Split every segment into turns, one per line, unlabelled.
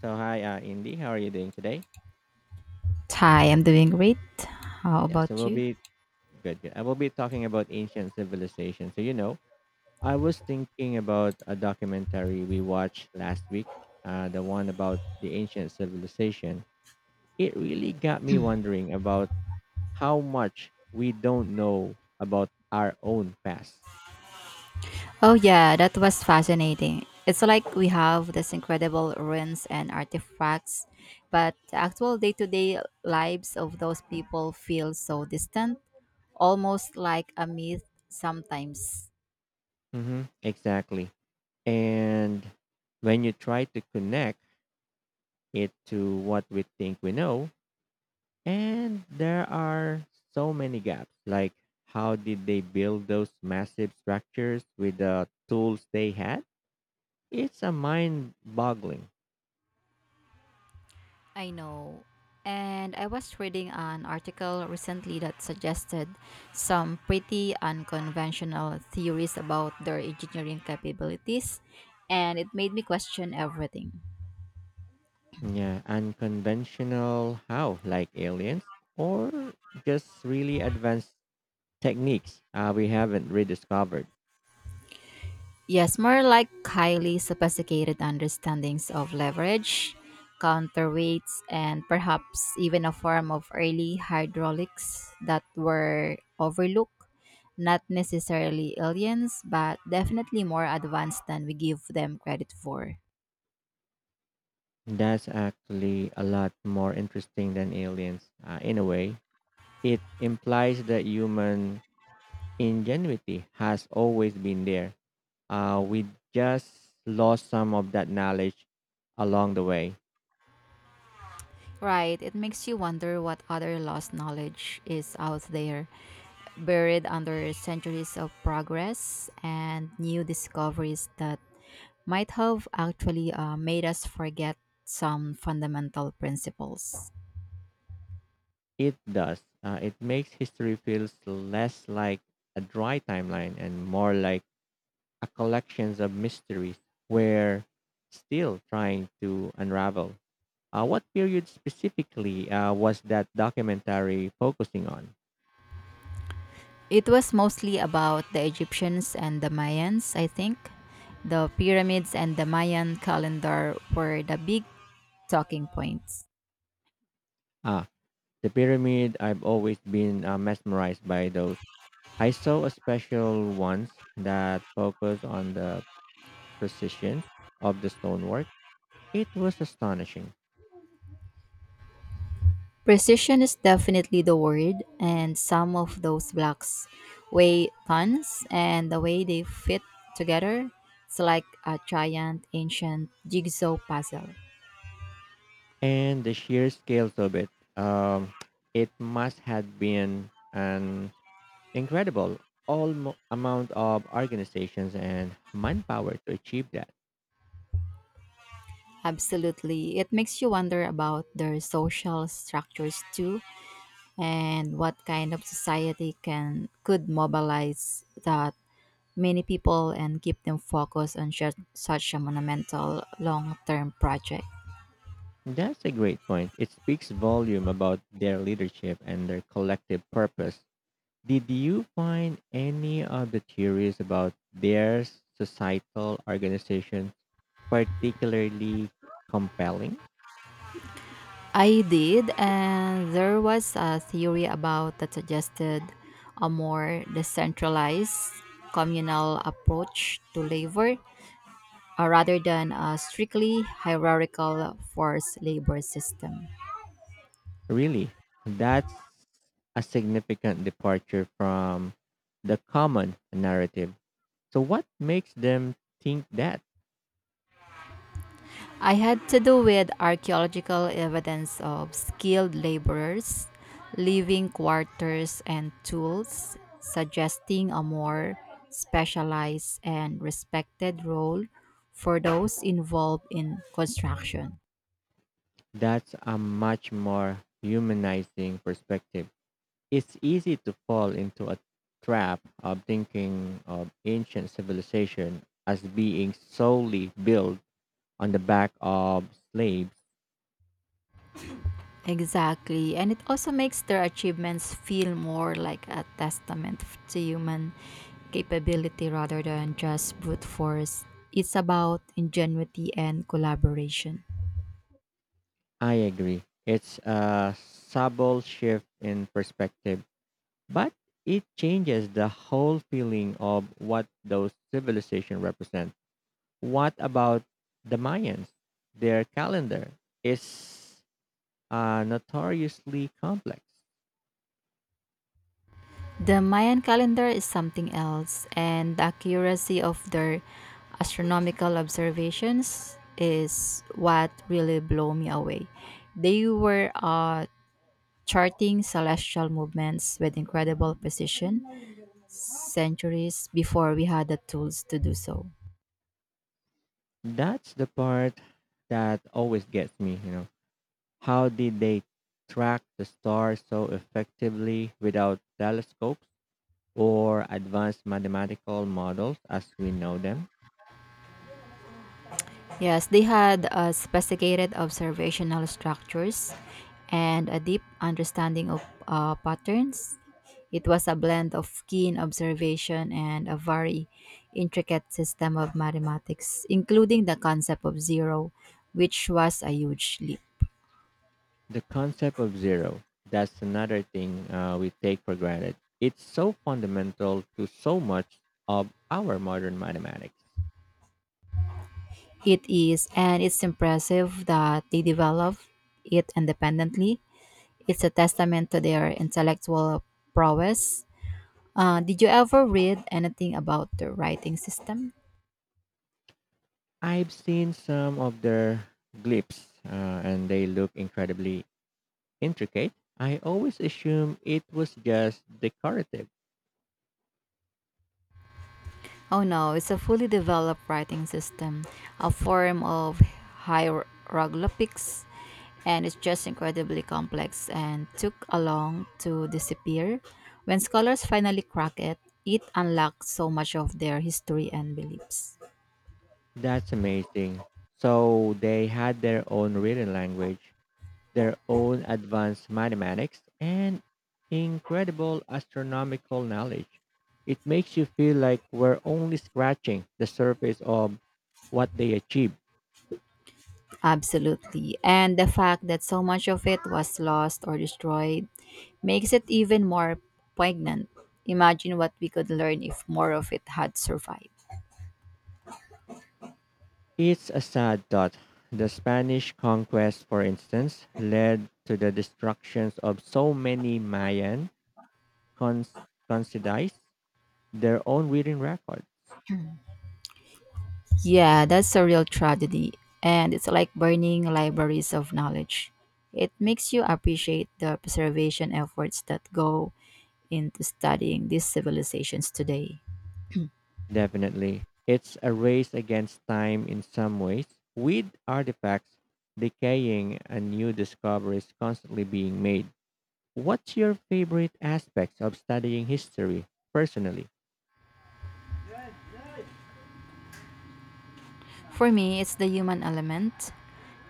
So hi, Indy. How are you doing today?
Hi, I'm doing great. How
Yeah. So
about
we'll
you?
be good. I will be talking about ancient civilization. I was thinking about a documentary we watched last week. The one about the ancient civilization. It really got me wondering about how much we don't know about our own past.
Oh, yeah, that was fascinating. It's like we have these incredible ruins and artifacts, but the actual day to day lives of those people feel so distant, almost like a myth sometimes.
Mm-hmm, exactly. And when you try to connect it to what we think we know, and there are so many gaps. Like, how did they build those massive structures with the tools they had? It's a mind boggling.
I know. And I was reading an article recently that suggested some pretty unconventional theories about their engineering capabilities, and it made me question everything.
Yeah, unconventional how, like aliens, or just really advanced techniques we haven't rediscovered.
Yes, more like highly sophisticated understandings of leverage, counterweights, and perhaps even a form of early hydraulics that were overlooked. Not necessarily aliens, but definitely more advanced than we give them credit for.
That's actually a lot more interesting than aliens in a way. It implies that human ingenuity has always been there. We just lost some of that knowledge along the way.
Right, it makes you wonder what other lost knowledge is out there, buried under centuries of progress and new discoveries that might have actually made us forget some fundamental principles.
It does. It makes history feels less like a dry timeline and more like a collection of mysteries we're still trying to unravel. What period specifically was that documentary focusing on?
It was mostly about the Egyptians and the Mayans, I think. The pyramids and the Mayan calendar were the big talking points.
Ah, the pyramid. I've always been mesmerized by those. I saw a special once that focused on the precision of the stonework. It was astonishing.
Precision is definitely the word, and some of those blocks weigh tons, and the way they fit together, it's like a giant ancient jigsaw puzzle.
And the sheer scales of it um, it must have been an incredible almo amount of organizations and manpower to achieve that.
Absolutely. It makes you wonder about their social structures too, and what kind of society can could mobilize that many people and keep them focused on such a monumental long-term project.
That's a great point. It speaks volume about their leadership and their collective purpose. Did you find any of the theories about their societal organization particularly compelling?
I did, and there was a theory about that suggested a more decentralized communal approach to labor rather than a strictly hierarchical forced labor system.
Really, that's a significant departure from the common narrative. So, what makes them think that?
I had to do with archaeological evidence of skilled laborers leaving quarters and tools, suggesting a more specialized and respected role for those involved in construction.
That's a much more humanizing perspective. It's easy to fall into a trap of thinking of ancient civilization as being solely built on the back of slaves.
Exactly, and it also makes their achievements feel more like a testament to human capability rather than just brute force. It's about ingenuity and collaboration.
I agree. It's a subtle shift in perspective, but it changes the whole feeling of what those civilizations represent. What about the Mayans? Their calendar is notoriously complex.
The Mayan calendar is something else, and the accuracy of their astronomical observations is what really blew me away. They were charting celestial movements with incredible precision centuries before we had the tools to do so.
That's the part that always gets me, you know. How did they track the stars so effectively without telescopes or advanced mathematical models as we know them?
Yes, they had a sophisticated observational structures and a deep understanding of patterns. It was a blend of keen observation and a very intricate system of mathematics, including the concept of zero, which was a huge leap.
The concept of zero, that's another thing we take for granted. It's so fundamental to so much of our modern mathematics.
It is, and it's impressive that they developed it independently. It's a testament to their intellectual prowess. Did you ever read anything about the writing system?
I've seen some of their glyphs and they look incredibly intricate. I always assume it was just decorative.
Oh no, it's a fully developed writing system, a form of hieroglyphics, and it's just incredibly complex and took a long to disappear. When scholars finally crack it, it unlocks so much of their history and beliefs.
That's amazing. So they had their own written language, their own advanced mathematics, and incredible astronomical knowledge. It makes you feel like we're only scratching the surface of what they achieved.
Absolutely. And the fact that so much of it was lost or destroyed makes it even more poignant. Imagine what we could learn if more of it had survived.
It's a sad thought. The Spanish conquest, for instance, led to the destructions of so many Mayan cons- concidize their own written record.
Yeah, that's a real tragedy. And it's like burning libraries of knowledge. It makes you appreciate the preservation efforts that go into studying these civilizations today.
Definitely. It's a race against time in some ways, with artifacts decaying and new discoveries constantly being made. What's your favorite aspects of studying history personally?
For me, it's the human element.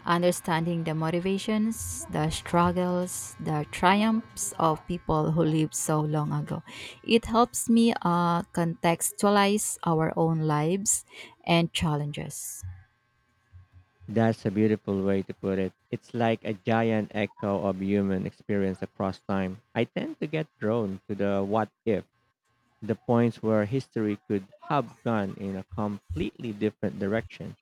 Understanding the motivations, the struggles, the triumphs of people who lived so long ago. It helps me contextualize our own lives and challenges.
That's a beautiful way to put it. It's like a giant echo of human experience across time. I tend to get drawn to the what if, the points where history could have gone in a completely different direction.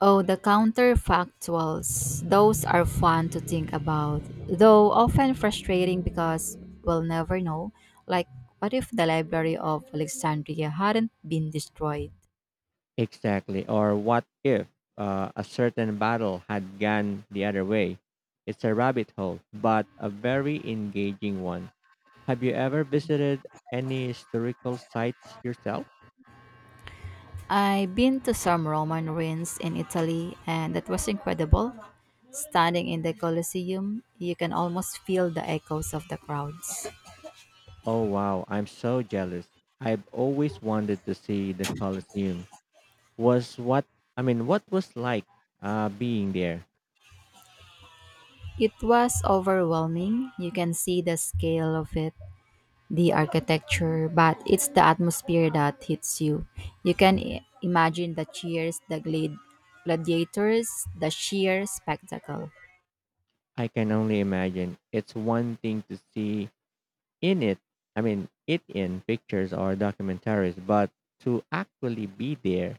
Oh, the counterfactuals. Those are fun to think about, though often frustrating because we'll never know. Like, what if the Library of Alexandria hadn't been destroyed?
Exactly. Or what if a certain battle had gone the other way? It's a rabbit hole, but a very engaging one. Have you ever visited any historical sites yourself?
I've been to some Roman ruins in Italy, and that was incredible. Standing in the Colosseum, you can almost feel the echoes of the crowds.
Oh, wow. I'm so jealous. I've always wanted to see the Colosseum. Was what, I mean, what was like being there?
It was overwhelming. You can see the scale of it, the architecture, but it's the atmosphere that hits you. You can imagine the cheers, the gladiators, the sheer spectacle.
I can only imagine. It's one thing to see in it, I mean it in pictures or documentaries, but to actually be there,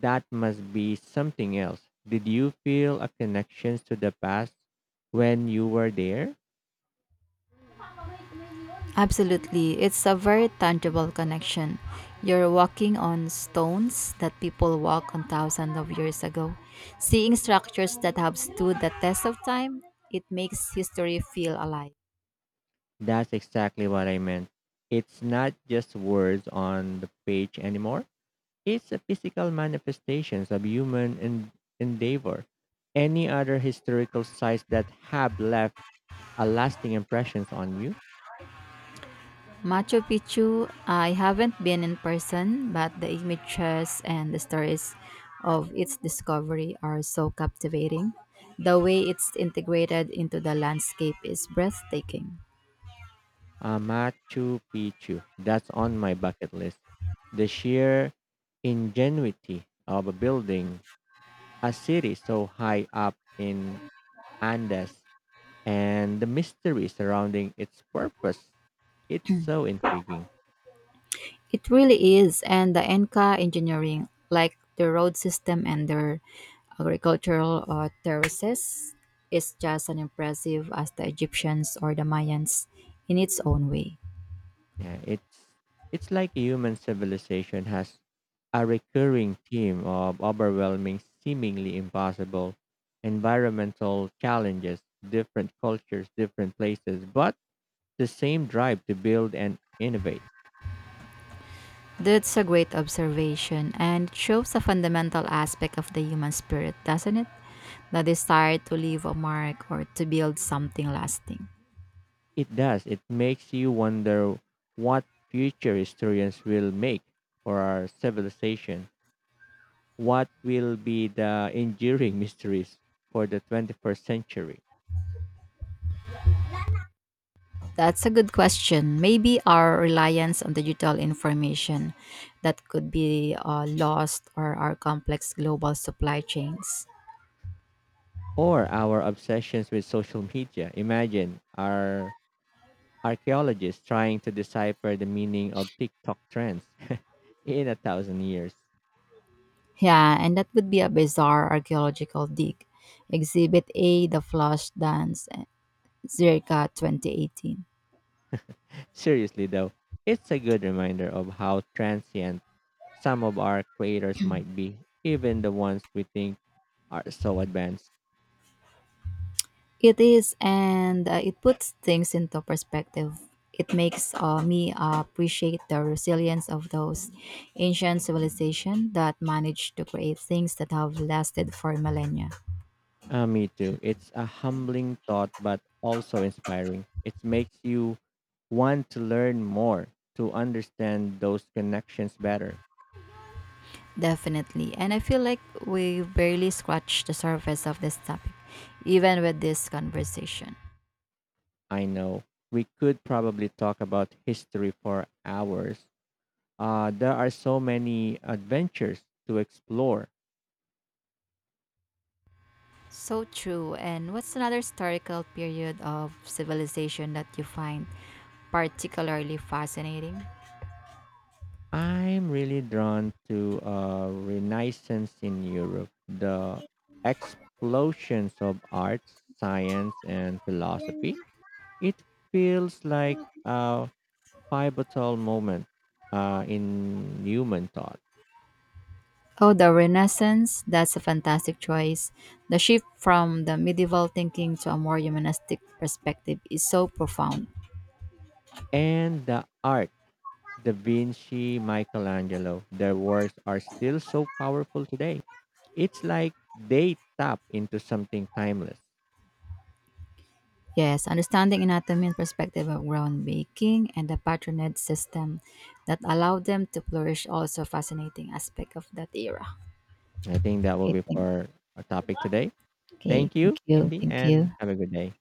that must be something else. Did you feel a connection to the past when you were there?
Absolutely. It's a very tangible connection. You're walking on stones that people walked on thousands of years ago. Seeing structures that have stood the test of time, it makes history feel alive.
That's exactly what I meant. It's not just words on the page anymore. It's a physical manifestations of human endeavor. Any other historical sites that have left a lasting impressions on you?
Machu Picchu, I haven't been in person, but the images and the stories of its discovery are so captivating. The way it's integrated into the landscape is breathtaking.
Machu Picchu. That's on my bucket list. The sheer ingenuity of a building a city so high up in Andes and the mystery surrounding its purpose. It's so intriguing.
It really is. And the Enca engineering, like the road system and their agricultural terraces, is just as impressive as the Egyptians or the Mayans in its own way.
Yeah, it's like human civilization has a recurring theme of overwhelming, seemingly impossible environmental challenges, different cultures, different places, but the same drive to build and innovate.
That's a great observation and it shows a fundamental aspect of the human spirit, doesn't it? The desire to leave a mark or to build something lasting.
It does. It makes you wonder what future historians will make for our civilization. What will be the enduring mysteries for the 21st century?
That's a good question. Maybe our reliance on digital information that could be lost or our complex global supply chains.
Or our obsessions with social media. Imagine our archaeologists trying to decipher the meaning of TikTok trends in a thousand years.
Yeah, and that would be a bizarre archaeological dig. Exhibit A, The Flush Dance, eh, circa 2018.
Seriously though, it's a good reminder of how transient some of our creators might be, even the ones we think are so advanced.
It is, and it puts things into perspective. It makes me appreciate the resilience of those ancient civilizations that managed to create things that have lasted for millennia.
Me too. It's a humbling thought, but also inspiring. It makes you want to learn more, to understand those connections better.
Definitely. And I feel like we barely scratched the surface of this topic, even with this conversation.
I know we could probably talk about history for hours. There are so many adventures to explore.
So true. And what's another historical period of civilization that you find particularly fascinating?
I'm really drawn to Renaissance in Europe, the explosions of art, science, and philosophy. It feels like a pivotal moment in human thought.
Oh, the Renaissance. That's a fantastic choice. The shift from the medieval thinking to a more humanistic perspective is so profound.
And the art, Da Vinci, Michelangelo, their works are still so powerful today. It's like they tap into something timeless.
Yes, understanding anatomy and perspective of groundbreaking and the patronage system that allowed them to flourish also fascinating aspect of that era.
I think that will
Okay,
be
thank,
for our topic today.
okay,
Thank you,
thank you,
Cindy,
thank you.
and have a good day.